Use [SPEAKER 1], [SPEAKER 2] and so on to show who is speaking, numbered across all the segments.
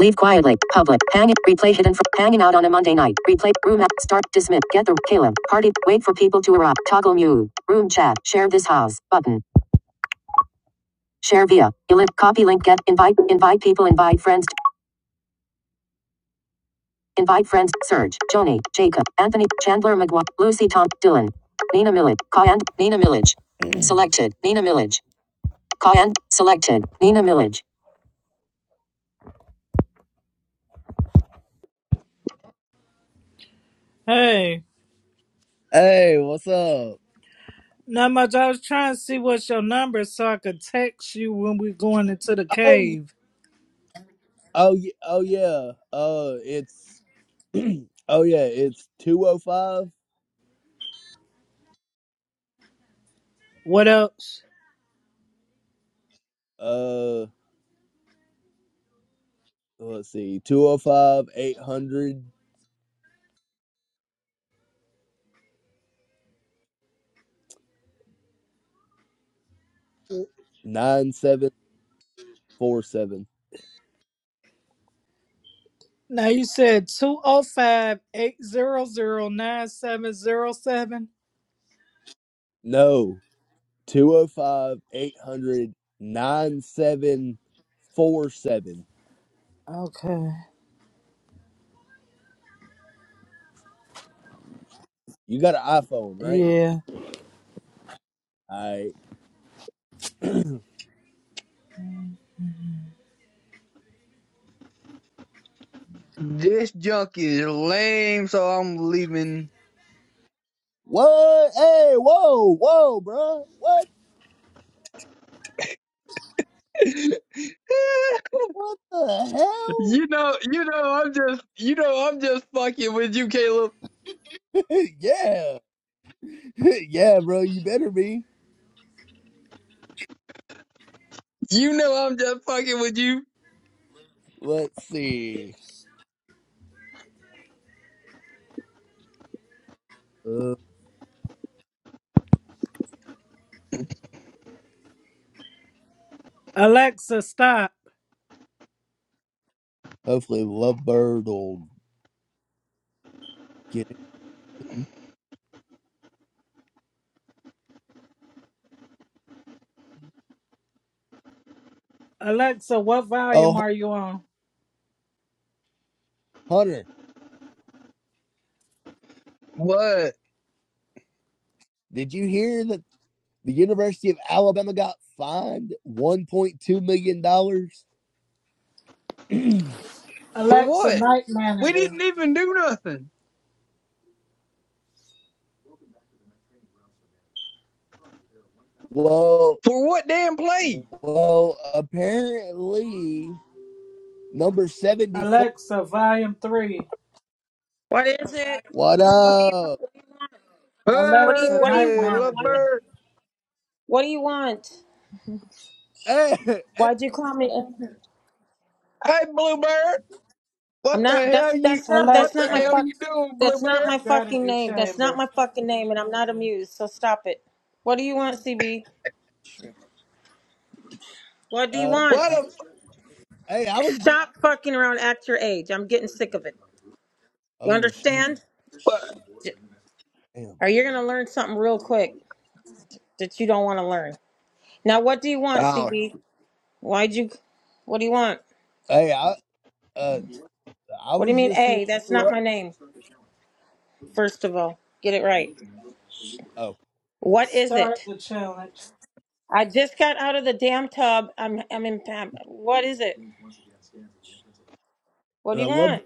[SPEAKER 1] Leave quietly. Public. Hang it. Replay hidden from hanging out on a Monday night. Replay. Room app. Start. Dismiss. Get the Caleb. Party. Wait for people to erupt. Toggle mute. Room chat. Share this house. Button. Share via. Elip. Copy link. Get. Invite. Invite people. Invite friends. Invite friends. Serge. Joni. Jacob. Anthony. Chandler McGuire. Lucy Tom. Dylan. Nina Millage. Call Nina Millage. Selected. Nina Millage. Call selected. Nina Millage.
[SPEAKER 2] Hey,
[SPEAKER 1] Hey, what's up?
[SPEAKER 2] not much. I was trying to see what's your number so I could text you when we're going into the
[SPEAKER 1] Oh.
[SPEAKER 2] cave.
[SPEAKER 1] Oh yeah, oh yeah. Uh, it's oh yeah, it's two oh five.
[SPEAKER 2] What else?
[SPEAKER 1] Uh, let's see, two o five eight hundred nine seven four seven.
[SPEAKER 2] Now you said two zero five eight zero zero nine seven zero seven.
[SPEAKER 1] No, two o five eight hundred nine seven four seven. You got an iPhone, right?
[SPEAKER 2] Okay. Yeah.
[SPEAKER 1] I
[SPEAKER 3] This junk is lame, so I'm leaving.
[SPEAKER 1] What? Hey, whoa, whoa, bro. What?
[SPEAKER 3] you know,
[SPEAKER 1] What the hell?
[SPEAKER 3] you know, I'm just, you know, I'm just fucking with you, Caleb.
[SPEAKER 1] yeah, yeah, bro. You better be.
[SPEAKER 3] You know, I'm just fucking with you.
[SPEAKER 1] Let's see. Uh,
[SPEAKER 2] Alexa, stop.
[SPEAKER 1] hopefully, Lovebird will get it.
[SPEAKER 2] Alexa, what volume
[SPEAKER 1] Oh,
[SPEAKER 2] are you on?
[SPEAKER 1] Hunter,
[SPEAKER 3] What?
[SPEAKER 1] did you hear that the University of Alabama got fined $1.2 million? dollars?
[SPEAKER 3] For
[SPEAKER 2] Alexa,
[SPEAKER 3] what?
[SPEAKER 2] night
[SPEAKER 3] We
[SPEAKER 2] manager.
[SPEAKER 3] didn't even do nothing.
[SPEAKER 1] well,
[SPEAKER 3] For what damn play?
[SPEAKER 1] well, apparently, number 74.
[SPEAKER 2] Alexa, volume three.
[SPEAKER 4] What is it?
[SPEAKER 1] What
[SPEAKER 4] What do you want?
[SPEAKER 1] up?
[SPEAKER 4] What do you want? What do you
[SPEAKER 2] Alexa,
[SPEAKER 4] What do you
[SPEAKER 2] night
[SPEAKER 3] Hey,
[SPEAKER 4] want?
[SPEAKER 3] little
[SPEAKER 4] Why
[SPEAKER 2] manager.
[SPEAKER 4] did you?
[SPEAKER 3] bird.
[SPEAKER 4] What do you want?
[SPEAKER 1] Hey, hey,
[SPEAKER 4] Why'd you call me?
[SPEAKER 3] Hey, Bluebird.
[SPEAKER 4] I'm
[SPEAKER 3] What the
[SPEAKER 4] not.
[SPEAKER 3] hell
[SPEAKER 4] That's
[SPEAKER 3] you?
[SPEAKER 4] that's not
[SPEAKER 3] What
[SPEAKER 4] that's
[SPEAKER 3] the
[SPEAKER 4] not my
[SPEAKER 2] Alexa,
[SPEAKER 3] hell
[SPEAKER 4] fuck.
[SPEAKER 3] you doing,
[SPEAKER 4] That's not
[SPEAKER 3] Bluebird?
[SPEAKER 4] my fucking
[SPEAKER 2] strategy
[SPEAKER 4] name. That's not
[SPEAKER 2] chamber.
[SPEAKER 4] my fucking name, and I'm not amused. So stop it. What do you want, CB? What do you
[SPEAKER 1] uh,
[SPEAKER 4] want?
[SPEAKER 3] What the
[SPEAKER 1] hey I was.
[SPEAKER 4] Stop fucking around at your age. I'm getting sick of it. You
[SPEAKER 1] Oh, sh-
[SPEAKER 4] understand?
[SPEAKER 3] fuck?
[SPEAKER 4] J-
[SPEAKER 1] damn.
[SPEAKER 4] Or you're gonna learn something real quick that you don't want to learn. Now, what do you want,
[SPEAKER 3] Oh,
[SPEAKER 4] CB? Why'd you? What do you want?
[SPEAKER 1] Hey, I, uh, I
[SPEAKER 4] What do you
[SPEAKER 1] was
[SPEAKER 4] mean,
[SPEAKER 1] just seeing.
[SPEAKER 4] A?
[SPEAKER 1] What
[SPEAKER 4] That's
[SPEAKER 1] you were
[SPEAKER 4] not
[SPEAKER 1] up.
[SPEAKER 4] my name. First of all, get it right.
[SPEAKER 1] Oh,
[SPEAKER 4] What is
[SPEAKER 2] Start
[SPEAKER 4] it?
[SPEAKER 2] the challenge.
[SPEAKER 4] I just got out of the damn tub. I'm I'm in I'm- what is it? What
[SPEAKER 1] uh,
[SPEAKER 4] do you
[SPEAKER 1] Lovebird.
[SPEAKER 4] want?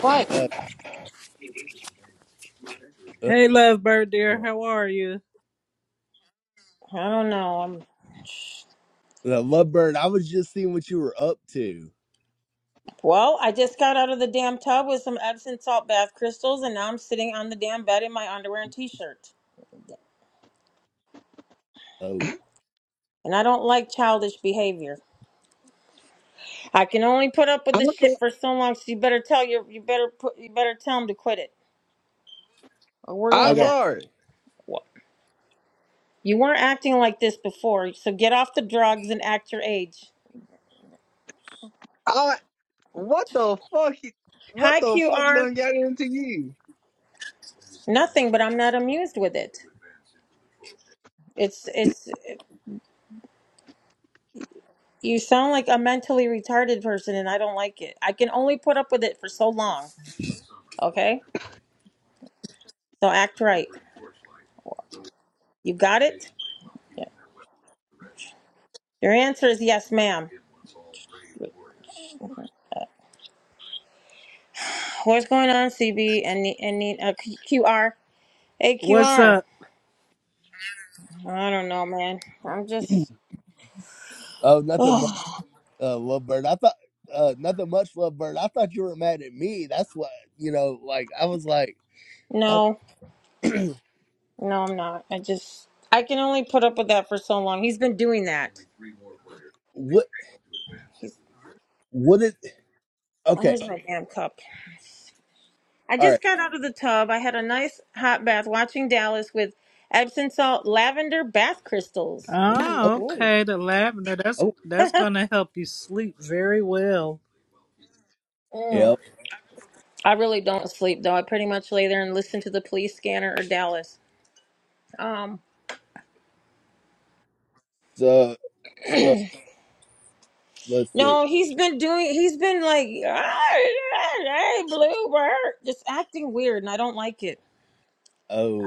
[SPEAKER 4] What?
[SPEAKER 1] Uh, uh,
[SPEAKER 2] Hey, lovebird dear,
[SPEAKER 1] hold
[SPEAKER 2] how are you?
[SPEAKER 4] I don't know. I'm
[SPEAKER 1] on. Uh, Lovebird, I was just seeing what you were up to.
[SPEAKER 4] well, I just got out of the damn tub with some Epsom salt bath crystals and now I'm sitting on the damn bed in my underwear and t-shirt.
[SPEAKER 1] Oh,
[SPEAKER 4] And I don't like childish behavior. I can only put up with
[SPEAKER 3] I'm,
[SPEAKER 4] this
[SPEAKER 3] so,
[SPEAKER 4] shit for so long, so you better tell your you better put you better tell him to quit it. Or we're
[SPEAKER 3] I'm
[SPEAKER 4] gonna
[SPEAKER 1] okay.
[SPEAKER 4] have
[SPEAKER 3] sorry.
[SPEAKER 4] Wha- you weren't acting like this before, so get off the drugs and act your age.
[SPEAKER 3] I What the fuck? he- What
[SPEAKER 4] Hi,
[SPEAKER 3] the fuck
[SPEAKER 4] QR.
[SPEAKER 3] done got into you?
[SPEAKER 4] Nothing, but I'm not amused with it. It's it's you sound like a mentally retarded person, and I don't like it. I can only put up with it for so long. Okay, so act right. You got it. Yeah. Your answer is yes, ma'am. What's going on, CB and Ne- and Ne- uh, Q- QR? Hey,
[SPEAKER 2] What's
[SPEAKER 4] QR.
[SPEAKER 2] up?
[SPEAKER 4] don't know, man. I'm just.
[SPEAKER 1] Oh, nothing much,
[SPEAKER 4] Oh.
[SPEAKER 1] uh, Lovebird. I thought uh, nothing much, Lovebird. I thought you were mad at me. That's what you know. Like I was like, I,
[SPEAKER 4] No, no, I'm not. I just I can only put up with that for so long. He's been doing that.
[SPEAKER 1] what?
[SPEAKER 4] He's
[SPEAKER 1] What is? Okay,
[SPEAKER 4] where's my damn cup? I
[SPEAKER 1] all right.
[SPEAKER 4] just got out of the tub. I had a nice hot bath watching Dallas with Epsom salt lavender bath crystals. Ooh,
[SPEAKER 1] Oh,
[SPEAKER 2] Oh,
[SPEAKER 4] ooh.
[SPEAKER 2] okay, the lavender. That's
[SPEAKER 1] oh,
[SPEAKER 2] that's gonna help you sleep very well.
[SPEAKER 4] Mm.
[SPEAKER 1] yep.
[SPEAKER 4] I really don't sleep though. I pretty much lay there and listen to the police scanner or Dallas. Um,
[SPEAKER 1] So, so let's see.
[SPEAKER 4] no, he's been doing. He's been like, "Ah, hey, Bluebird, just acting weird, and I don't like it.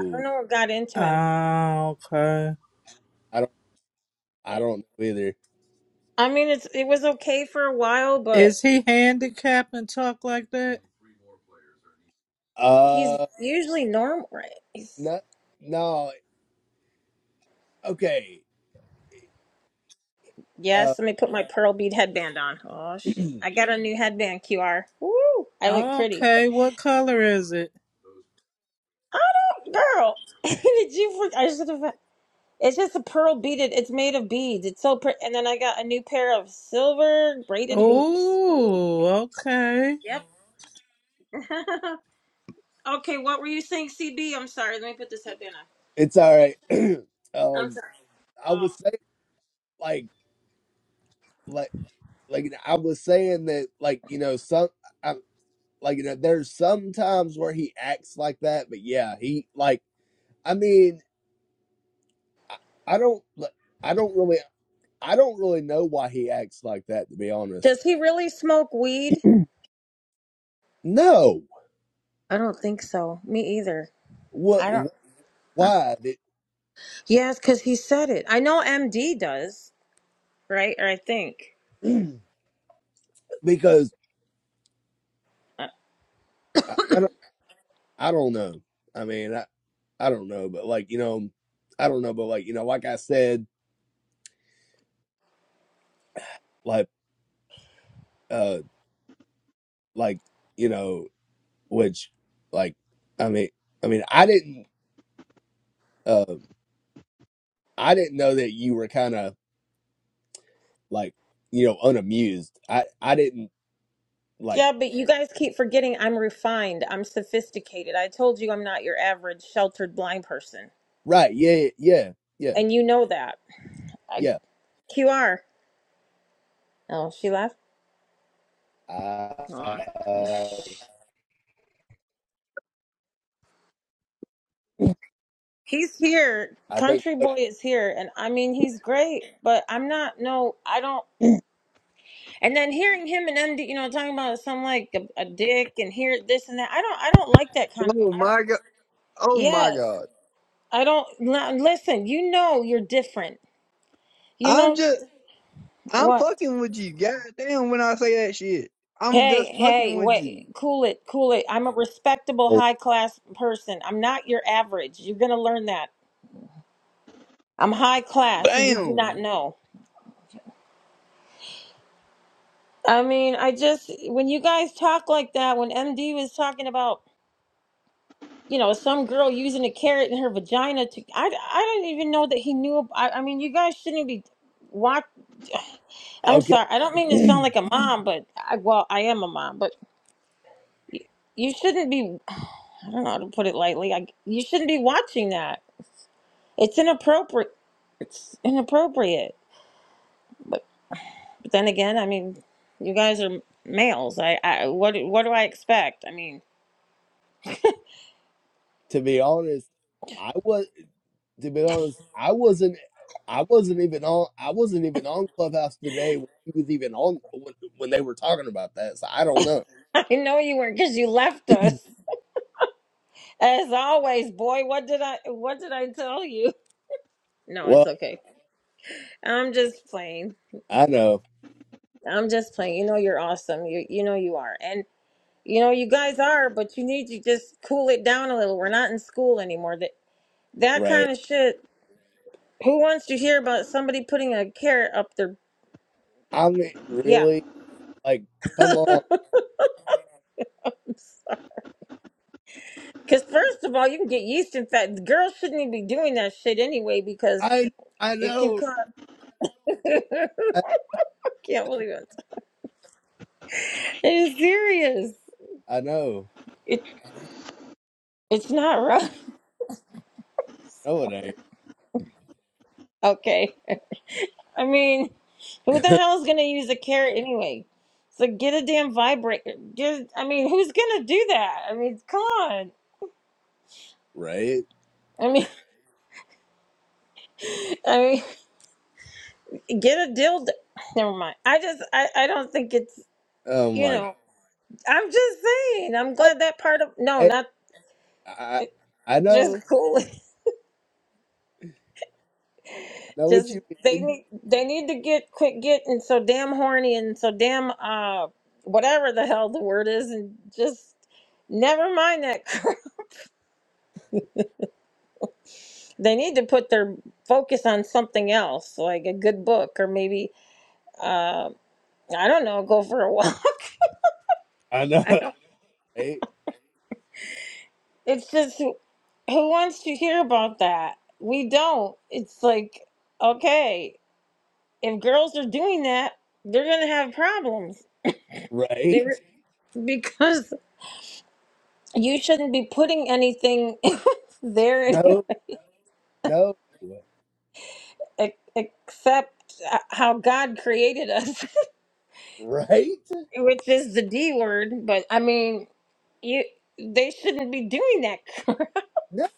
[SPEAKER 4] I don't know what got into him.
[SPEAKER 2] Oh, okay.
[SPEAKER 1] I don't, I don't know either.
[SPEAKER 4] I mean, it's it was okay for a while, but
[SPEAKER 2] Is he handicapped and talk like that?
[SPEAKER 4] he's
[SPEAKER 1] Uh,
[SPEAKER 4] usually normal. Right?
[SPEAKER 1] no, no. Okay. Uh,
[SPEAKER 4] Yes, let me put my pearl bead headband on. Oh shit. I got a new headband, QR. Woo! I look pretty.
[SPEAKER 2] Okay, what color is it?
[SPEAKER 4] I don't girl. Did you for- I should have it's just a pearl beaded it's made of beads. It's so pretty and then I got a new pair of silver braided hoops. Ooh.
[SPEAKER 2] Oh, okay.
[SPEAKER 4] Yep. okay, what were you saying, CB? I'm sorry, let me put this headband on.
[SPEAKER 1] it's
[SPEAKER 4] What
[SPEAKER 1] all
[SPEAKER 4] were you
[SPEAKER 1] right.
[SPEAKER 4] I'm
[SPEAKER 1] um,
[SPEAKER 4] sorry.
[SPEAKER 1] I
[SPEAKER 4] Um
[SPEAKER 1] was saying like, like, like I was saying that, like you know, some. like you know, there's some times where he acts like that, but yeah, he like I mean, I, I don't like, I don't really I don't really know why he acts like that to be honest.
[SPEAKER 4] Does he really smoke weed?
[SPEAKER 1] No,
[SPEAKER 4] I don't think so. Me either.
[SPEAKER 1] what
[SPEAKER 4] I don't huh?
[SPEAKER 1] why
[SPEAKER 4] Yes, because he said it. I know MD does. right? Or I think.
[SPEAKER 1] did because
[SPEAKER 4] Uh,
[SPEAKER 1] I, I don't I don't know. I mean, I I don't know, but like you know, I don't know, but like you know, like I said, like uh, like you know, which like I mean, I mean, I didn't uh, I didn't know that you were kind of. like you know unamused i i didn't like
[SPEAKER 4] Yeah, but you guys keep forgetting I'm refined. I'm sophisticated. I told you I'm not your average sheltered blind person.
[SPEAKER 1] right yeah yeah yeah yeah
[SPEAKER 4] And you know that. I,
[SPEAKER 1] yeah.
[SPEAKER 4] QR. Oh, she left?
[SPEAKER 1] I
[SPEAKER 4] Aw.
[SPEAKER 1] uh,
[SPEAKER 4] He's here.
[SPEAKER 1] i think
[SPEAKER 4] Country boy is here. And I mean, he's great, but I'm not, no, I don't. And then hearing him and MD, you know, talking about some like a, a dick and here, this and that. I don't, I don't like that kind of,
[SPEAKER 3] Oh
[SPEAKER 4] I don't,
[SPEAKER 3] my god! Oh my
[SPEAKER 4] yes.
[SPEAKER 3] god!
[SPEAKER 4] I don't, li- listen, you know you're different. You
[SPEAKER 3] I'm
[SPEAKER 4] know,
[SPEAKER 3] just I'm
[SPEAKER 4] what?
[SPEAKER 3] fucking with you. God damn! When I say that shit, I'm
[SPEAKER 4] Hey,
[SPEAKER 3] just fucking
[SPEAKER 4] hey,
[SPEAKER 3] with you.
[SPEAKER 4] wait, cool it, cool it. I'm a respectable high class person. I'm not your average. You're going to learn that. I'm high class, or did you not
[SPEAKER 3] Damn!
[SPEAKER 4] know? I mean, I just, when you guys talk like that, when MD was talking about, you know, some girl using a carrot in her vagina to, I, I don't even know that he knew. ab- I, I mean, you guys shouldn't be watch. I'm
[SPEAKER 1] okay
[SPEAKER 4] sorry. I don't mean to sound like a mom, but I, well, I am a mom, but you shouldn't be, I don't know how to put it lightly. I, you shouldn't be watching that. It's inappropriate. It's inappropriate. But then again, I mean, you guys are males. I, I what what do I expect? I mean,
[SPEAKER 1] to be honest i was to be honest i wasn't i wasn't even on i wasn't even on clubhouse today when he was even on when, when they were talking about that so i don't know
[SPEAKER 4] I know you weren't because you left us as always, boy. What did I what did I tell you? No, it's
[SPEAKER 1] well
[SPEAKER 4] okay. I'm just playing.
[SPEAKER 1] i know
[SPEAKER 4] I'm just playing. You know you're awesome. You you know you are. And you know you guys are, but you need to just cool it down a little. We're not in school anymore. That that
[SPEAKER 1] right
[SPEAKER 4] kind of shit. Who wants to hear about somebody putting a carrot up their
[SPEAKER 1] i mean
[SPEAKER 4] yeah.
[SPEAKER 1] really like come on
[SPEAKER 4] Because first of all, you can get yeast infection. Girls shouldn't even be doing that shit anyway because
[SPEAKER 1] i i
[SPEAKER 4] it can
[SPEAKER 1] know
[SPEAKER 4] cause. I
[SPEAKER 1] i,
[SPEAKER 4] Can't believe it. It's serious.
[SPEAKER 1] I know
[SPEAKER 4] It, it's not right.
[SPEAKER 1] no it
[SPEAKER 4] Okay. I mean, who
[SPEAKER 1] ain't
[SPEAKER 4] the hell is gonna use a carrot anyway? So get a damn vibrator. Get. I mean, who's gonna do that? I mean, come on.
[SPEAKER 1] Right?
[SPEAKER 4] I mean, I mean, get a dildo. Never mind. I just, I, I don't think it's.
[SPEAKER 1] Oh
[SPEAKER 4] You
[SPEAKER 1] my
[SPEAKER 4] know, I'm just saying. I'm
[SPEAKER 1] God.
[SPEAKER 4] glad that part of no,
[SPEAKER 1] Hey,
[SPEAKER 4] not
[SPEAKER 1] I
[SPEAKER 4] eh,
[SPEAKER 1] I
[SPEAKER 4] just
[SPEAKER 1] know.
[SPEAKER 4] cool.
[SPEAKER 1] I know what
[SPEAKER 4] Just
[SPEAKER 1] you
[SPEAKER 4] they
[SPEAKER 1] mean.
[SPEAKER 4] need they need to get quit getting so damn horny and so damn uh whatever the hell the word is and just never mind that crap. They need to put their focus on something else, like a good book or maybe uh I don't know, go for a walk.
[SPEAKER 1] I know. Right?
[SPEAKER 4] It's just who who wants to hear about that? We don't. It's like okay, if girls are doing that, they're gonna have problems. They re-
[SPEAKER 1] Right?
[SPEAKER 4] because You shouldn't be putting anything there any-
[SPEAKER 1] No. No.
[SPEAKER 4] ex- except how God created us,
[SPEAKER 1] Right?
[SPEAKER 4] which is the D word. But I mean, you they shouldn't be doing that.
[SPEAKER 1] No.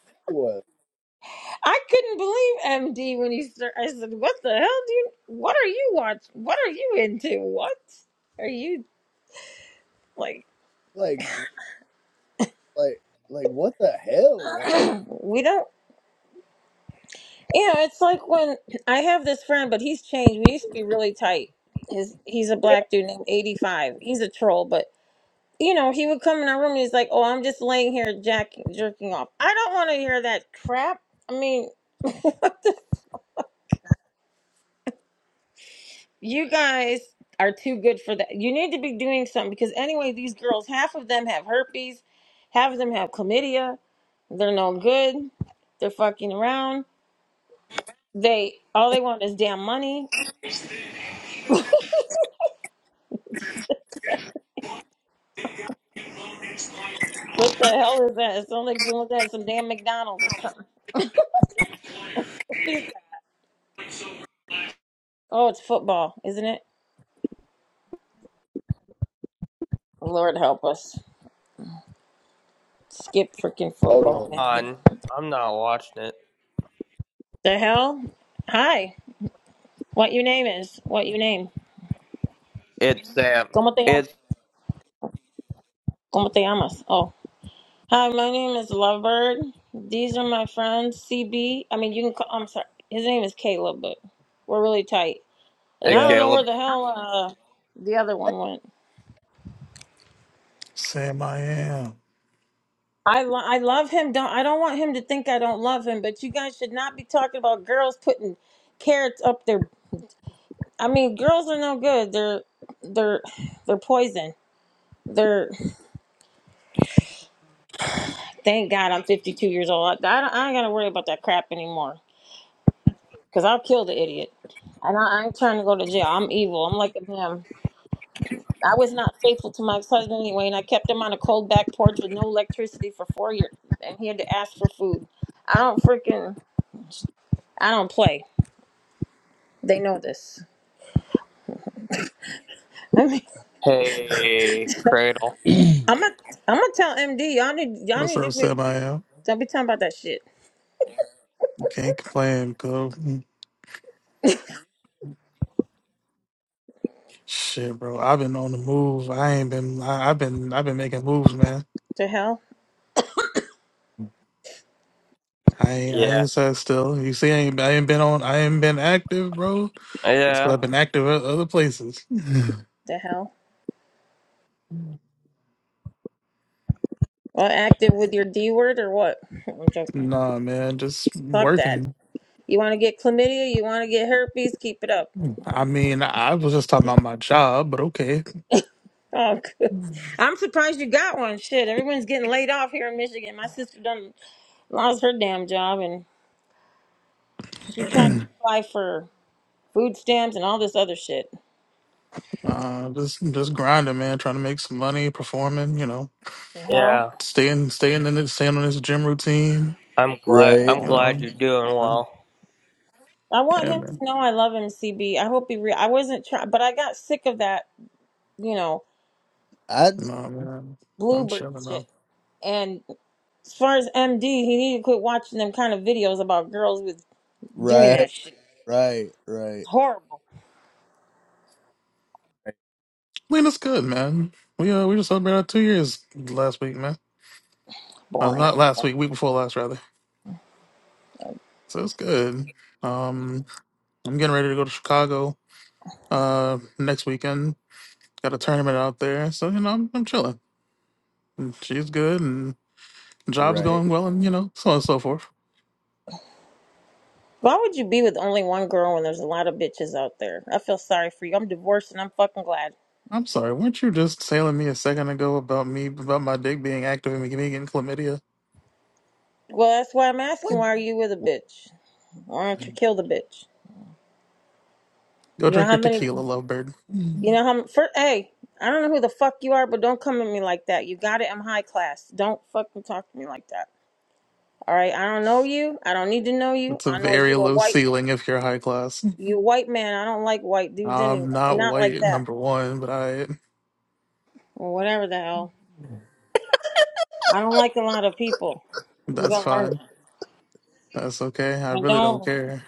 [SPEAKER 4] I couldn't believe MD when he started. I said, "What the hell do you? What are you watching? What are you into? What are you like?
[SPEAKER 1] Like like like what the hell? Like,
[SPEAKER 4] We don't." You know, it's like when I have this friend, but he's changed. We used to be really tight. His he's a black dude named eighty five. He's a troll, but you know, he would come in our room and he's like, "Oh, I'm just laying here jacking, jerking off." I don't want to hear that crap. I mean, you guys are too good for that. You need to be doing something because anyway, these girls, half of them have herpes, half of them have chlamydia. They're no good. They're fucking around. They all they want is damn money. What the hell is that? It sounds like someone had some damn McDonald's or something. oh, it's football, isn't it? Lord help us. Skip freaking football, man.
[SPEAKER 5] on. I'm not watching it.
[SPEAKER 4] The hell? Hi. What your name is? What your name?
[SPEAKER 5] It's Sam.
[SPEAKER 4] ¿Cómo te llamas?
[SPEAKER 5] It's
[SPEAKER 4] ¿Cómo te llamas? Oh. Hi, my name is Lovebird. These are my friends, CB. I mean, you can call, I'm sorry. His name is Caleb, but we're really tight. And
[SPEAKER 5] hey
[SPEAKER 4] I don't
[SPEAKER 1] yeah.
[SPEAKER 4] know
[SPEAKER 5] Caleb.
[SPEAKER 4] where the hell uh, the other
[SPEAKER 1] hey.
[SPEAKER 4] one went.
[SPEAKER 6] Sam I am.
[SPEAKER 4] I, lo- I love him. Don't I don't want him to think I don't love him, but you guys should not be talking about girls putting carrots up their I mean, girls are no good. They're they're they're poison. They're Thank God I'm 52 years old. I, I, don't- I ain't got to worry about that crap anymore because I'll kill the idiot. And I, I ain't trying to go to jail. I'm evil. I'm like him. I was not faithful to my husband anyway, and I kept him on a cold back porch with no electricity for four years, and he had to ask for food. I don't freaking, I don't play. They know this. I mean,
[SPEAKER 5] Hey Cradle.
[SPEAKER 4] I'm gonna, I'm gonna tell MD. Y'all need, y'all
[SPEAKER 6] What's
[SPEAKER 4] need
[SPEAKER 6] up,
[SPEAKER 4] to quit.
[SPEAKER 6] Sam I am?
[SPEAKER 4] Don't be talking about that shit.
[SPEAKER 6] You can't complain, cuz. Shit, bro. I've been on the move. I ain't been I, I've been I've been making moves, man.
[SPEAKER 4] To hell,
[SPEAKER 6] I ain't I
[SPEAKER 5] Yeah.
[SPEAKER 6] ain't sat still. You see, I ain't I ain't been on I ain't been active, bro. That's 'cause
[SPEAKER 5] Yeah.
[SPEAKER 6] I've been active at other places.
[SPEAKER 4] to hell. Well, active with your D word or what? I'm joking.
[SPEAKER 6] nah, man, just
[SPEAKER 4] Fuck that.
[SPEAKER 6] working.
[SPEAKER 4] You want to get chlamydia? You want to get herpes? Keep it up.
[SPEAKER 6] I mean, I was just talking about my job, but okay.
[SPEAKER 4] Oh, good. I'm surprised you got one. Shit, everyone's getting laid off here in Michigan. My sister done lost her damn job, and she trying to apply for food stamps and all this other shit.
[SPEAKER 6] uh just just grinding, man, trying to make some money, performing, you know,
[SPEAKER 4] The hell.
[SPEAKER 5] Yeah.
[SPEAKER 6] staying staying in it, staying on this gym routine
[SPEAKER 5] I'm glad.
[SPEAKER 1] Right.
[SPEAKER 5] I'm
[SPEAKER 6] You
[SPEAKER 4] Uh,
[SPEAKER 5] glad
[SPEAKER 6] know,
[SPEAKER 5] you're doing
[SPEAKER 6] uh,
[SPEAKER 5] well.
[SPEAKER 4] I want
[SPEAKER 6] yeah,
[SPEAKER 4] him to
[SPEAKER 6] man.
[SPEAKER 4] know I love him, CB. I hope he. Re- I wasn't trying, but I got sick of that. You know,
[SPEAKER 1] I
[SPEAKER 6] No, man, I'm
[SPEAKER 4] bluebird
[SPEAKER 6] chilling though.
[SPEAKER 4] shit. And as far as MD, he needed to quit watching them kind of videos about girls with doing
[SPEAKER 1] right.
[SPEAKER 4] that shit.
[SPEAKER 1] Right.
[SPEAKER 4] It's
[SPEAKER 1] Right.
[SPEAKER 4] horrible.
[SPEAKER 6] Lena's good, man. We uh, we just celebrated our two years last week, man. Uh,
[SPEAKER 4] Boring.
[SPEAKER 6] not last week, week before last, rather. So it's good. Um, I'm getting ready to go to Chicago uh next weekend. Got a tournament out there, so you know I'm, I'm chilling. And She's good, and job's
[SPEAKER 1] Right.
[SPEAKER 6] going well, and you know so on and so forth.
[SPEAKER 4] Why would you be with only one girl when there's a lot of bitches out there? I feel sorry for you. I'm divorced and I'm fucking glad.
[SPEAKER 6] I'm sorry, weren't you just sailing me a second ago about me about my dick being active and me getting chlamydia?
[SPEAKER 4] Well, that's why I'm asking.
[SPEAKER 1] What?
[SPEAKER 4] Why are you with a bitch? Why don't you kill the bitch?
[SPEAKER 6] Go
[SPEAKER 4] You know
[SPEAKER 6] drink
[SPEAKER 4] how
[SPEAKER 6] your
[SPEAKER 4] many?
[SPEAKER 6] tequila, lovebird.
[SPEAKER 4] You know how? m- For hey, I don't know who the fuck you are, but don't come at me like that. You got it. I'm high class. Don't fucking talk to me like that. All right. I don't know you. I don't need to know you.
[SPEAKER 6] It's a
[SPEAKER 4] I know
[SPEAKER 6] very
[SPEAKER 4] you a
[SPEAKER 6] low
[SPEAKER 4] white.
[SPEAKER 6] ceiling if you're high class.
[SPEAKER 4] You a white man. I don't like white dudes anyway.
[SPEAKER 6] I'm not
[SPEAKER 4] Not like
[SPEAKER 6] white,
[SPEAKER 4] that.
[SPEAKER 6] number one, but I
[SPEAKER 4] Or whatever the hell. I don't like a lot of people. You
[SPEAKER 6] that's
[SPEAKER 4] gotta learn.
[SPEAKER 6] fine. That's okay. I
[SPEAKER 4] I
[SPEAKER 6] really don't
[SPEAKER 4] don't.
[SPEAKER 6] care.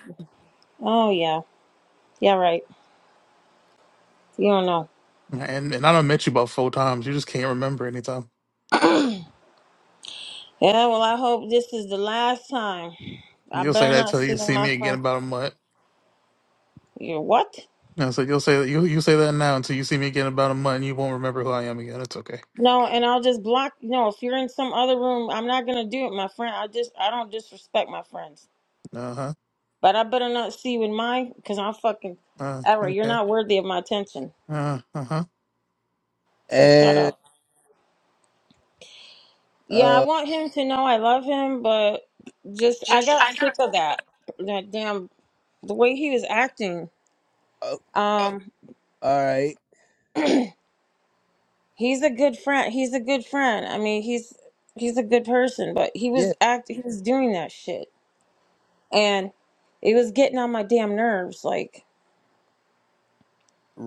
[SPEAKER 4] Oh yeah. Yeah, right. You don't know.
[SPEAKER 6] And and I don't met you about four times. You just can't remember anytime.
[SPEAKER 4] Yeah, well, I hope this is the last time. I
[SPEAKER 6] You'll say
[SPEAKER 4] better
[SPEAKER 6] that
[SPEAKER 4] not
[SPEAKER 6] till
[SPEAKER 4] see
[SPEAKER 6] you see
[SPEAKER 4] my
[SPEAKER 6] me again
[SPEAKER 4] friend.
[SPEAKER 6] about a month.
[SPEAKER 4] You what?
[SPEAKER 6] And so you'll say you you say that now until you see me again about a month. and You won't remember who I am again. It's okay.
[SPEAKER 4] No, and I'll just block. No, if you're in some other room, I'm not gonna do it, my friend. I just I don't disrespect my friends,
[SPEAKER 6] Uh huh.
[SPEAKER 4] but I better not see you in my because I'm fucking.
[SPEAKER 6] Uh
[SPEAKER 4] Ever, you're
[SPEAKER 6] okay.
[SPEAKER 4] not worthy of my attention.
[SPEAKER 6] Uh huh.
[SPEAKER 4] So shut
[SPEAKER 1] And
[SPEAKER 4] up. Yeah, I
[SPEAKER 1] uh
[SPEAKER 4] want him to know I love him, but just I got sick of that. That damn the way he was acting.
[SPEAKER 1] oh,
[SPEAKER 4] Um,
[SPEAKER 1] all right.
[SPEAKER 4] He's a good friend. He's a good friend. I mean, he's he's a good person, but he was
[SPEAKER 1] Yeah.
[SPEAKER 4] act he was doing that shit. And it was getting on my damn nerves. Like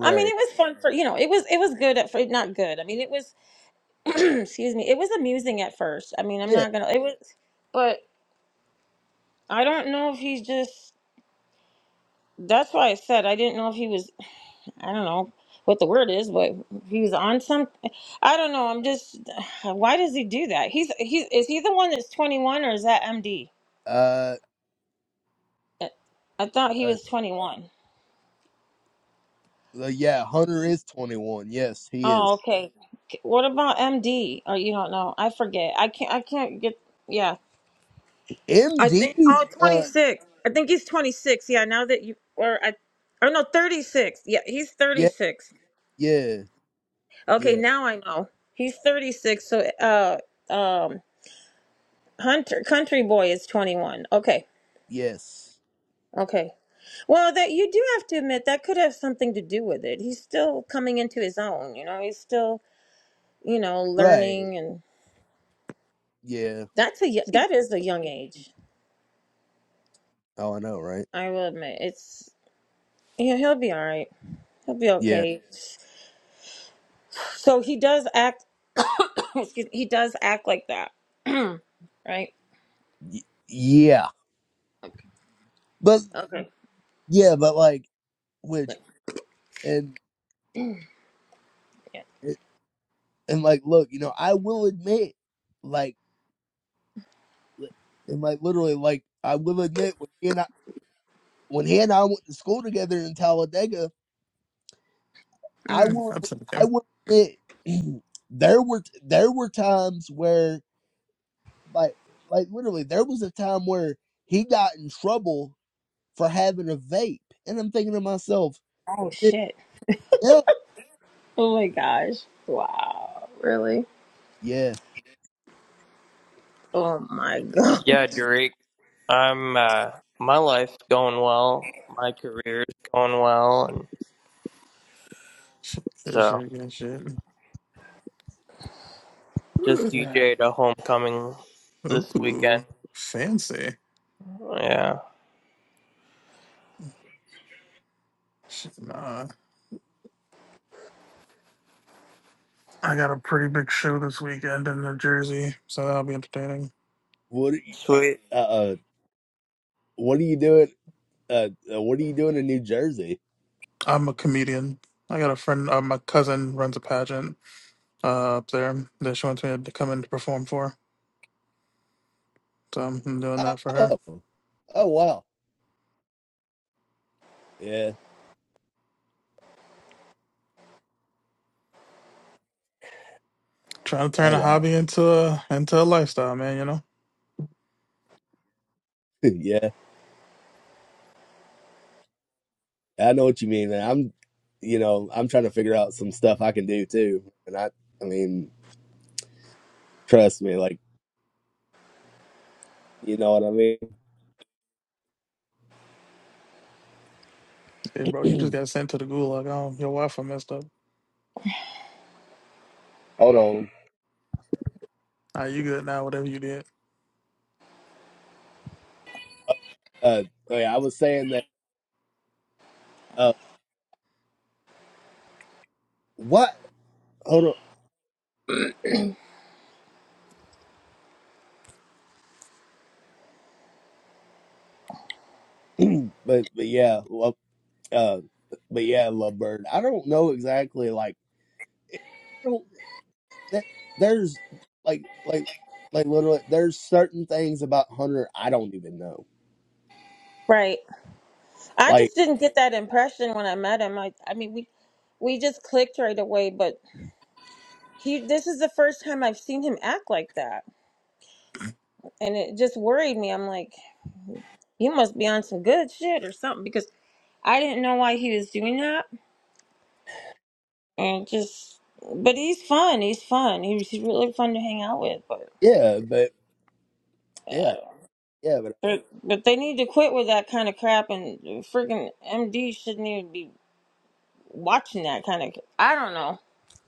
[SPEAKER 4] I mean, it was fun for you know, it was it was good at first not good. I mean it was excuse me, it was amusing at first. I mean I'm
[SPEAKER 1] Yeah.
[SPEAKER 4] not gonna it was but I don't know if he's just that's why I said I didn't know if he was I don't know what the word is, but he was on some I don't know, I'm just why does he do that? He's he's is he the one that's twenty one or is that MD?
[SPEAKER 1] Uh,
[SPEAKER 4] I I thought he
[SPEAKER 1] uh
[SPEAKER 4] was 21.
[SPEAKER 1] well, yeah, Hunter is 21. Yes, he is.
[SPEAKER 4] Oh, okay. What about MD? Oh, you don't know. I forget. I can't. I can't get. Yeah. I
[SPEAKER 1] MD
[SPEAKER 4] think. Oh, 26. I think he's 26. Yeah. Now that you or I, or no, 36. Yeah, he's
[SPEAKER 1] Yeah,
[SPEAKER 4] 36.
[SPEAKER 1] yeah,
[SPEAKER 4] Okay,
[SPEAKER 1] yeah,
[SPEAKER 4] now I know. He's 36. So, uh, um, Hunter Country Boy is 21. Okay.
[SPEAKER 1] yes.
[SPEAKER 4] Okay. Well, that you do have to admit that could have something to do with it. He's still coming into his own. You know, he's still you know
[SPEAKER 1] Right.
[SPEAKER 4] learning
[SPEAKER 1] Yeah.
[SPEAKER 4] That's a y- that is a young age.
[SPEAKER 1] Oh, I know, right?
[SPEAKER 4] I will admit it's yeah he'll be all right. He'll be
[SPEAKER 1] Yeah.
[SPEAKER 4] okay. So he does act. excuse, me, he does act like that, right?
[SPEAKER 1] Y- yeah. But
[SPEAKER 4] Okay.
[SPEAKER 1] yeah, but like which and
[SPEAKER 4] Yeah.
[SPEAKER 1] and like look, you know, I will admit like li- and like literally like I will admit when he and I when he and I went to school together in Talladega, I
[SPEAKER 4] hmm
[SPEAKER 1] will
[SPEAKER 6] That's
[SPEAKER 1] I
[SPEAKER 6] okay.
[SPEAKER 1] will admit there were there were times where like like literally there was a time where he got in trouble for having a vape. And I'm thinking to myself,
[SPEAKER 4] Oh shit!
[SPEAKER 1] yeah, yeah.
[SPEAKER 4] Oh my gosh! Wow! Really?
[SPEAKER 1] yeah,
[SPEAKER 4] Oh my god!
[SPEAKER 5] Yeah, Derek. I'm. Uh, my life's going well. My career's going well, and
[SPEAKER 6] Shit, shit,
[SPEAKER 5] so
[SPEAKER 6] shit, shit.
[SPEAKER 5] just
[SPEAKER 6] shit.
[SPEAKER 5] DJ'd a homecoming this weekend.
[SPEAKER 6] Ooh, fancy.
[SPEAKER 5] Yeah.
[SPEAKER 6] Shit, nah. I got a pretty big show this weekend in New Jersey, so that'll be entertaining.
[SPEAKER 1] What? Are you,
[SPEAKER 5] Sweet.
[SPEAKER 1] uh, uh, what are you doing? Uh, uh, what are you doing in New Jersey?
[SPEAKER 6] I'm a comedian. I got a friend, uh, my cousin runs a pageant uh, up there that she wants me to come in to perform for. So I'm doing that for her.
[SPEAKER 1] Oh, oh wow, yeah,
[SPEAKER 6] Trying to turn
[SPEAKER 1] oh
[SPEAKER 6] a
[SPEAKER 1] wow,
[SPEAKER 6] hobby into a into a lifestyle, man. You know,
[SPEAKER 1] yeah. I know what you mean. And I'm, you know, I'm trying to figure out some stuff I can do too. And I, I mean, trust me, like, you know what I mean.
[SPEAKER 6] hey, bro, you just got sent to the gulag. Oh, your Wi-Fi messed up.
[SPEAKER 1] Hold on.
[SPEAKER 6] Ah, you good now? Whatever you did.
[SPEAKER 1] Uh, oh yeah, I was saying that. Uh, what? Hold on. but but yeah, well, Uh, but yeah, Lovebird. I don't know exactly. Like, I don't. That, there's like, like, like literally, there's certain things about Hunter I don't even know.
[SPEAKER 4] Right. I
[SPEAKER 1] Like,
[SPEAKER 4] just didn't get that impression when I met him. I I mean we we just clicked right away, but he this is the first time I've seen him act like that, and it just worried me. I'm like. You must be on some good shit or something because I didn't know why he was doing that. And just, but he's fun. He's fun. He was- He's really fun to hang out with. But
[SPEAKER 1] yeah, but
[SPEAKER 4] yeah, I
[SPEAKER 1] yeah,
[SPEAKER 4] don't.
[SPEAKER 1] yeah, but
[SPEAKER 4] But but they need to quit with that kind of crap. And freaking MD shouldn't even be watching that kind of. I don't know.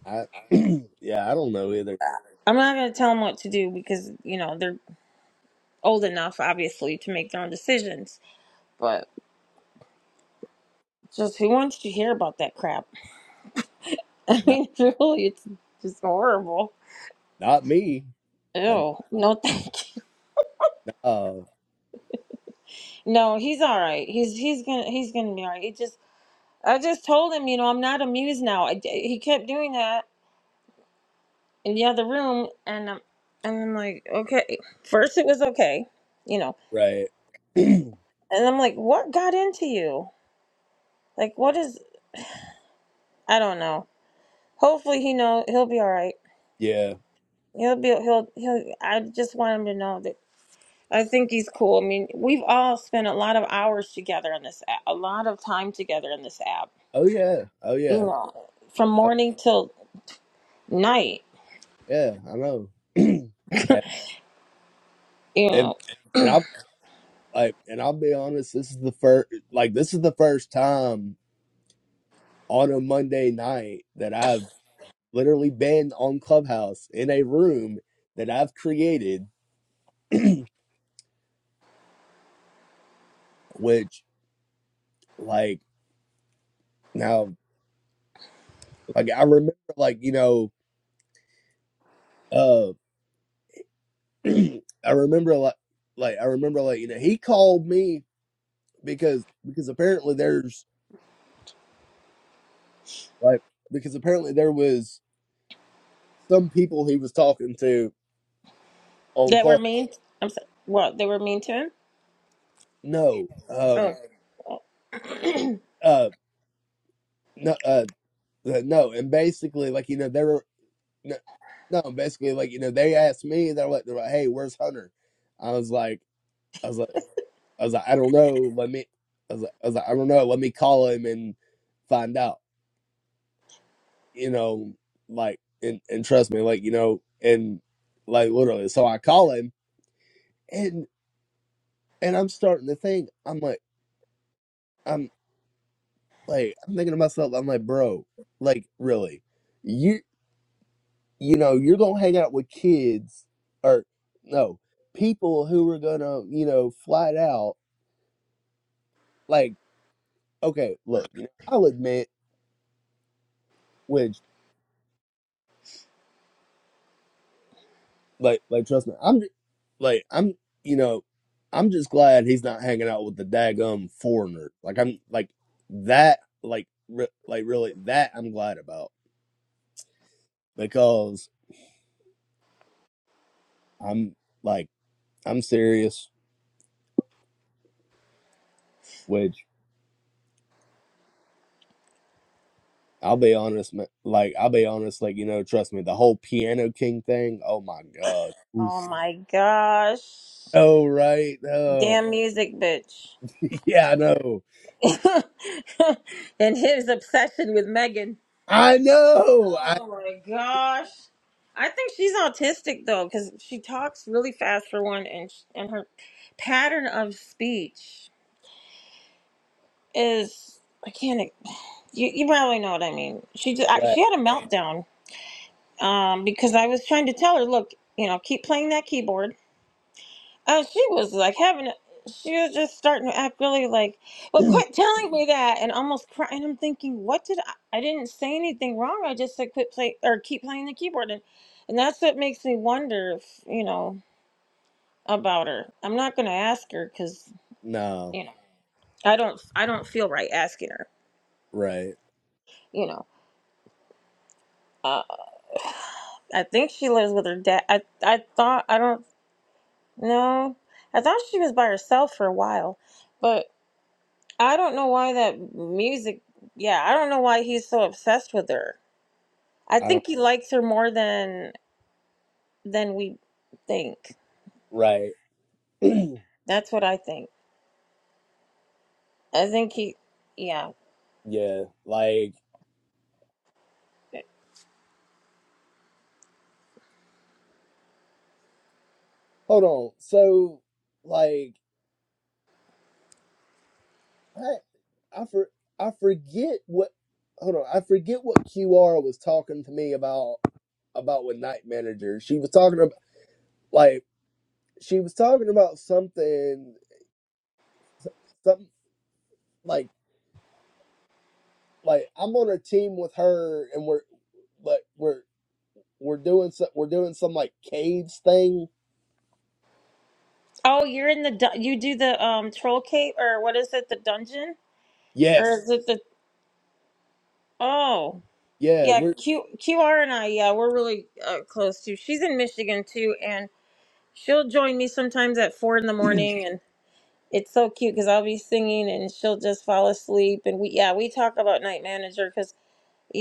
[SPEAKER 1] I, yeah, I don't know either.
[SPEAKER 4] I'm not gonna tell them what to do because you know they're old enough, obviously, to make their own decisions. But just who wants to hear about that crap? I
[SPEAKER 1] Not,
[SPEAKER 4] mean, really, it's just horrible.
[SPEAKER 1] not me. I,
[SPEAKER 4] Ew, no thank you.
[SPEAKER 1] uh,
[SPEAKER 4] No, he's all right. He's he's gonna he's gonna be all right. It just I just told him, you know, I'm not amused now. I, he kept doing that in the other room, and um, and I'm like, okay. First it was okay, you know,
[SPEAKER 1] right.
[SPEAKER 4] and I'm like, what got into you? Like, what is? I don't know. Hopefully, he know he'll be all right.
[SPEAKER 1] yeah.
[SPEAKER 4] He'll be he'll he'll. I just want him to know that I think he's cool. I mean, we've all spent a lot of hours together on this app, a lot of time together in this app,
[SPEAKER 1] Oh yeah. Oh
[SPEAKER 4] you
[SPEAKER 1] yeah.
[SPEAKER 4] know, from
[SPEAKER 1] Oh,
[SPEAKER 4] morning till night
[SPEAKER 1] yeah. I know. and,
[SPEAKER 4] you
[SPEAKER 1] and
[SPEAKER 4] know,
[SPEAKER 1] and I'll like, and I'll be honest. This is the first. Like, this is the first time on a Monday night that I've literally been on Clubhouse in a room that I've created, which like now like I remember like, you know, uh I remember like like I remember like, you know, he called me because because apparently there's like because apparently there was some people he was talking to on
[SPEAKER 4] that were
[SPEAKER 1] Club
[SPEAKER 4] mean. I'm sorry. What they were mean to him?
[SPEAKER 1] no.
[SPEAKER 4] Oh,
[SPEAKER 1] Um uh no uh uh, no and basically like you know there. no, no, basically, like you know, they asked me, they're like, they're like, "Hey, where's Hunter?" I was like, I was like, I was like, I don't know. Let me, I was like, I, was like, I don't know. Let me call him and find out. You know, like, and and trust me, like you know, and like literally, so I call him, and and I'm starting to think, I'm like, I'm like, I'm thinking to myself, I'm like, bro, like really. you. you know, you're gonna hang out with kids or no people who are gonna, you know, flat out like, okay, look, you know, I'll admit, which like, like, trust me, I'm ju- like, I'm, you know, I'm just glad he's not hanging out with the daggum foreigner. Like, I'm like that, like, re- like really that I'm glad about because I'm like I'm serious, which. I'll be honest, man. Like I'll be honest, like you know, trust me, the whole Piano King thing. Oh my god. Oof.
[SPEAKER 4] oh my gosh!
[SPEAKER 1] Oh right. Oh
[SPEAKER 4] Damn music, bitch!
[SPEAKER 1] yeah, I know.
[SPEAKER 4] and his obsession with Megan.
[SPEAKER 1] I know. I
[SPEAKER 4] Oh my gosh! I think she's autistic though, because she talks really fast for one, and sh- and her pattern of speech is I can't. e, You you probably know what I mean. She just, I,
[SPEAKER 1] right.
[SPEAKER 4] she had a meltdown um, because I was trying to tell her, look, you know, keep playing that keyboard Uh, she was like having, a, she was just starting to act really like, well, quit telling me that, and almost crying. And I'm thinking, what did I? I didn't say anything wrong. I just said quit play or keep playing the keyboard, and and that's what makes me wonder if you know about her. I'm not gonna ask her because
[SPEAKER 1] No.
[SPEAKER 4] you know I don't I don't feel right asking her.
[SPEAKER 1] Right.
[SPEAKER 4] You know, uh, I think she lives with her dad. I I thought I don't know. I thought she was by herself for a while, but I don't know why that music, yeah, I don't know why he's so obsessed with her. I
[SPEAKER 1] I don't.
[SPEAKER 4] think he likes her more than than we think.
[SPEAKER 1] Right.
[SPEAKER 4] That's what I think. I think he, yeah.
[SPEAKER 1] yeah. Like hold on. So like I I for I forget what. Hold on. I forget what QR was talking to me about about with Night Manager. She was talking about like she was talking about something. like like I'm on a team with her and we're like we're we're doing some we're doing some like caves thing.
[SPEAKER 4] Oh, you're in the du- you do the um troll cave or what is it, the dungeon? Or
[SPEAKER 1] Yes.
[SPEAKER 4] is it the Oh.
[SPEAKER 1] Yeah,
[SPEAKER 4] Yeah,
[SPEAKER 1] we're
[SPEAKER 4] Q QR and I, yeah, we're really uh, close too. She's in Michigan too and she'll join me sometimes at 4 in the morning It's so cute because I'll be singing and she'll just fall asleep. And we, yeah, we talk about night manager because,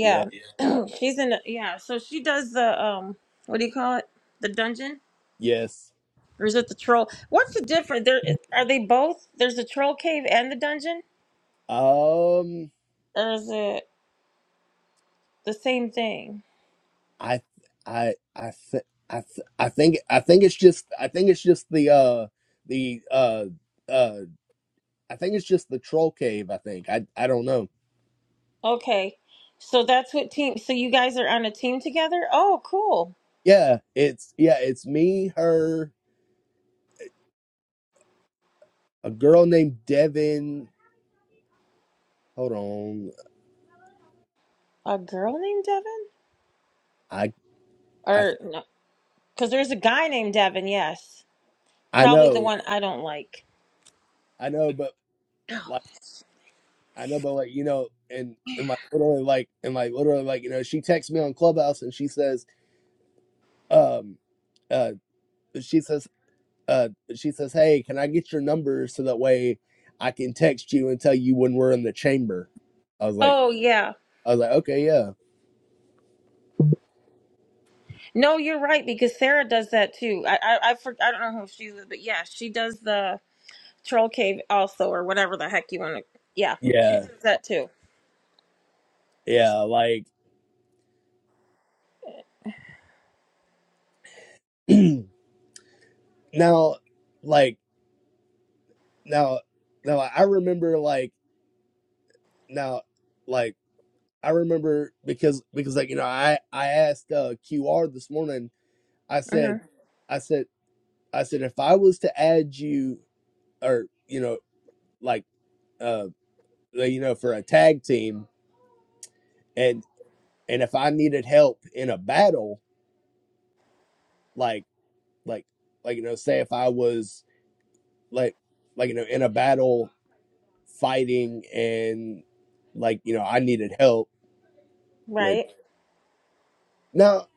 [SPEAKER 1] yeah,
[SPEAKER 4] she's in, the, yeah, so she does the, um, what do you call it? The dungeon?
[SPEAKER 1] yes.
[SPEAKER 4] Or is it the troll? What's the difference? There, are they both? There's the troll cave and the dungeon?
[SPEAKER 1] Um
[SPEAKER 4] Or is it the same thing?
[SPEAKER 1] I I I th- I th- I think I think it's just I think it's just the uh the uh uh I think it's just the troll cave, I think. I I don't know.
[SPEAKER 4] Okay. So that's what team, so you guys are on a team together? Oh, cool.
[SPEAKER 1] Yeah, it's yeah, it's me, her, a girl named Devin. Hold on.
[SPEAKER 4] A girl named Devin?
[SPEAKER 1] I I
[SPEAKER 4] Or,
[SPEAKER 1] th-
[SPEAKER 4] no, because there's a guy named Devin, yes.
[SPEAKER 1] I
[SPEAKER 4] Probably the
[SPEAKER 1] know.
[SPEAKER 4] one I don't like.
[SPEAKER 1] I know, but Like I know, but like you know, and and like literally, like and like literally, like you know, she texts me on Clubhouse and she says, um, uh, she says, uh, she says, hey, can I get your number so that way I can text you and tell you when we're in the chamber? I was like,
[SPEAKER 4] Oh yeah,
[SPEAKER 1] I was like, okay, yeah,
[SPEAKER 4] no, you're right because Sarah does that too. I I I, for, I don't know who she is, but yeah, she does the troll cave also or whatever the heck you want to. Yeah, she
[SPEAKER 1] yeah,
[SPEAKER 4] does that too.
[SPEAKER 1] yeah. Like now, like now, now like, I remember like now, like I remember because because like you know, I I asked uh, QR this morning I
[SPEAKER 4] hmm
[SPEAKER 1] said, I said, I said, if I was to add you, or you know, like, uh, like, you know, for a tag team, and and if I needed help in a battle, like, like, like you know, say if I was like, like you know, in a battle fighting, and like you know, I needed help with.
[SPEAKER 4] Right?
[SPEAKER 1] Now,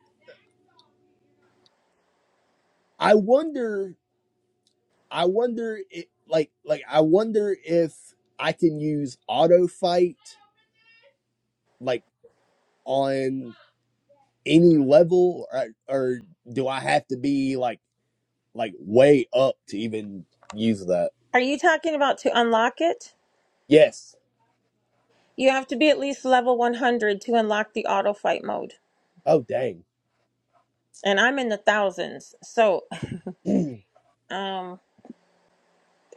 [SPEAKER 1] I wonder, I wonder, it, like, like I wonder if I can use auto fight, like on any level, or, or do I have to be like like way up to even use that?
[SPEAKER 4] Are you talking about to unlock it?
[SPEAKER 1] Yes.
[SPEAKER 4] You have to be at least level 100 to unlock the auto fight mode,
[SPEAKER 1] Oh dang.
[SPEAKER 4] and I'm in the thousands. So,
[SPEAKER 1] yeah.
[SPEAKER 4] um,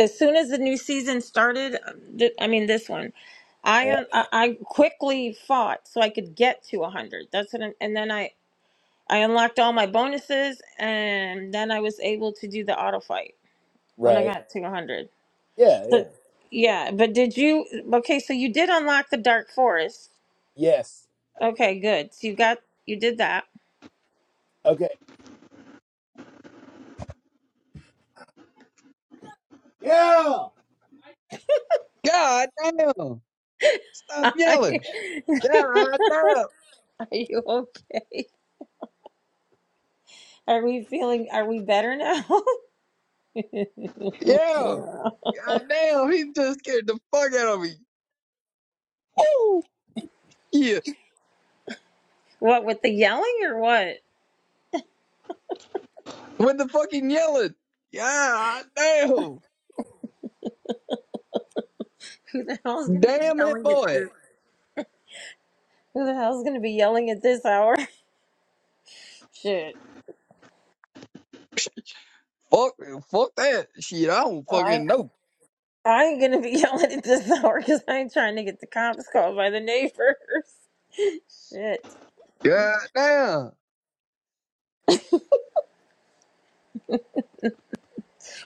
[SPEAKER 4] as soon as the new season started, um, th- I mean this one, I un- I I quickly fought so I could get to 100. That's what, I'm, and then I I unlocked all my bonuses, and then I was able to do the auto fight when I
[SPEAKER 1] Right.
[SPEAKER 4] got to 100.
[SPEAKER 1] Yeah.
[SPEAKER 4] So,
[SPEAKER 1] Yeah.
[SPEAKER 4] yeah, but did you? Okay, so you did unlock the Dark Forest.
[SPEAKER 1] Yes.
[SPEAKER 4] Okay, good. So you got you did that.
[SPEAKER 1] Okay. Yeah.
[SPEAKER 3] God damn! Stop
[SPEAKER 4] Are
[SPEAKER 3] yelling! God damn!
[SPEAKER 4] you okay? Are we feeling? Are we better now?
[SPEAKER 3] Yeah! God damn! He just scared the fuck out of me. Woo! Yeah!
[SPEAKER 4] what with the yelling or what?
[SPEAKER 3] With the fucking yelling. God damn!
[SPEAKER 4] Who the hell's gonna be
[SPEAKER 3] Damn it,
[SPEAKER 4] yelling at?
[SPEAKER 3] boy!
[SPEAKER 4] Who the hell's gonna be yelling at this hour? Shit.
[SPEAKER 3] Fuck! Fuck that shit! I don't
[SPEAKER 4] All right.
[SPEAKER 3] fucking know.
[SPEAKER 4] I'm gonna be yelling at this hour because I'm trying to get the cops called by the neighbors. Shit.
[SPEAKER 3] God damn.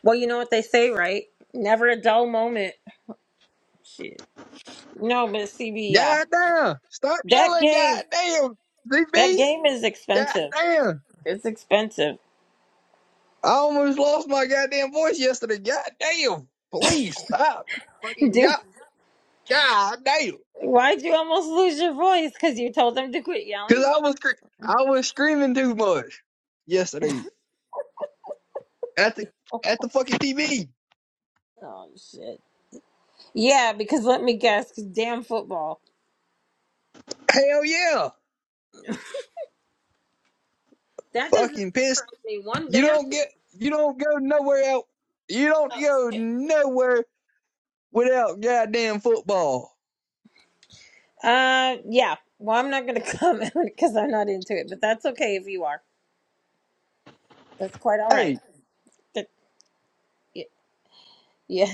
[SPEAKER 4] Well, you know what they say, right? Never a dull moment. Shit. No, but CB, yeah,
[SPEAKER 3] God damn. Stop
[SPEAKER 4] that
[SPEAKER 3] yelling,
[SPEAKER 4] game,
[SPEAKER 3] god damn.
[SPEAKER 4] that
[SPEAKER 3] DB.
[SPEAKER 4] game is
[SPEAKER 3] God
[SPEAKER 4] expensive.
[SPEAKER 3] damn.
[SPEAKER 4] It's expensive.
[SPEAKER 3] I almost lost my goddamn voice yesterday. God damn. Please stop. Fucking
[SPEAKER 4] Dude,
[SPEAKER 3] god, god damn.
[SPEAKER 4] why'd you almost lose your voice? Because you told them to quit
[SPEAKER 3] Cause
[SPEAKER 4] yelling.
[SPEAKER 3] I was scre- I was screaming too much yesterday at the at the fucking TV.
[SPEAKER 4] Oh shit. Yeah, because let me guess, 'cause damn football.
[SPEAKER 3] Hell yeah.
[SPEAKER 4] That doesn't
[SPEAKER 3] Fucking pissed.
[SPEAKER 4] surprise me one
[SPEAKER 3] You
[SPEAKER 4] damn.
[SPEAKER 3] don't get you don't go nowhere out you don't go nowhere without goddamn football.
[SPEAKER 4] Uh, yeah. Well, I'm not going to comment because I'm not into it, but that's okay if you are. That's quite all right.
[SPEAKER 3] Hey,
[SPEAKER 4] That, y- yeah.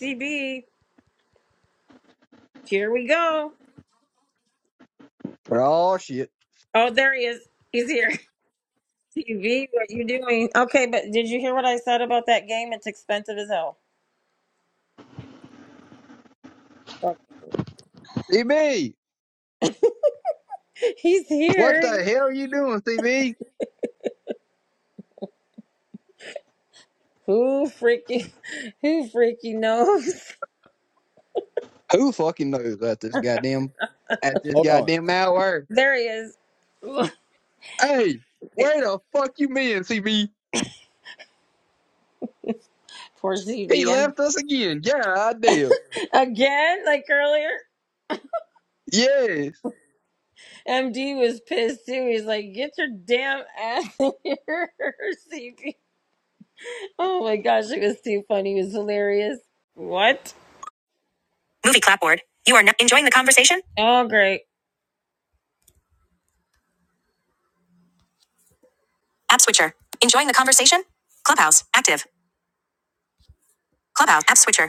[SPEAKER 4] CB, here we go.
[SPEAKER 3] for all shit.
[SPEAKER 4] Oh, there he is. He's here. CB, what you doing? Okay, but did you hear what I said about that game? It's expensive as hell. Fuck.
[SPEAKER 3] CB,
[SPEAKER 4] He's
[SPEAKER 3] what
[SPEAKER 4] here.
[SPEAKER 3] the hell are you doing, CB?
[SPEAKER 4] Who freaking, who freaking knows?
[SPEAKER 3] Who fucking knows at this goddamn at this
[SPEAKER 1] Hold on.
[SPEAKER 3] goddamn hour?
[SPEAKER 4] There he is.
[SPEAKER 3] Hey, where the fuck you been, CB?
[SPEAKER 4] Poor
[SPEAKER 3] He
[SPEAKER 4] CB. am
[SPEAKER 3] left us again. Yeah, I did.
[SPEAKER 4] Again, like earlier.
[SPEAKER 3] Yeah.
[SPEAKER 4] MD was pissed too. He's like, "Get your damn ass in here, CP." Oh my gosh, it was too funny. It was hilarious. What? Movie clapboard. You are not enjoying the conversation. Oh great. App switcher. Enjoying the conversation. Clubhouse active. Clubhouse app switcher.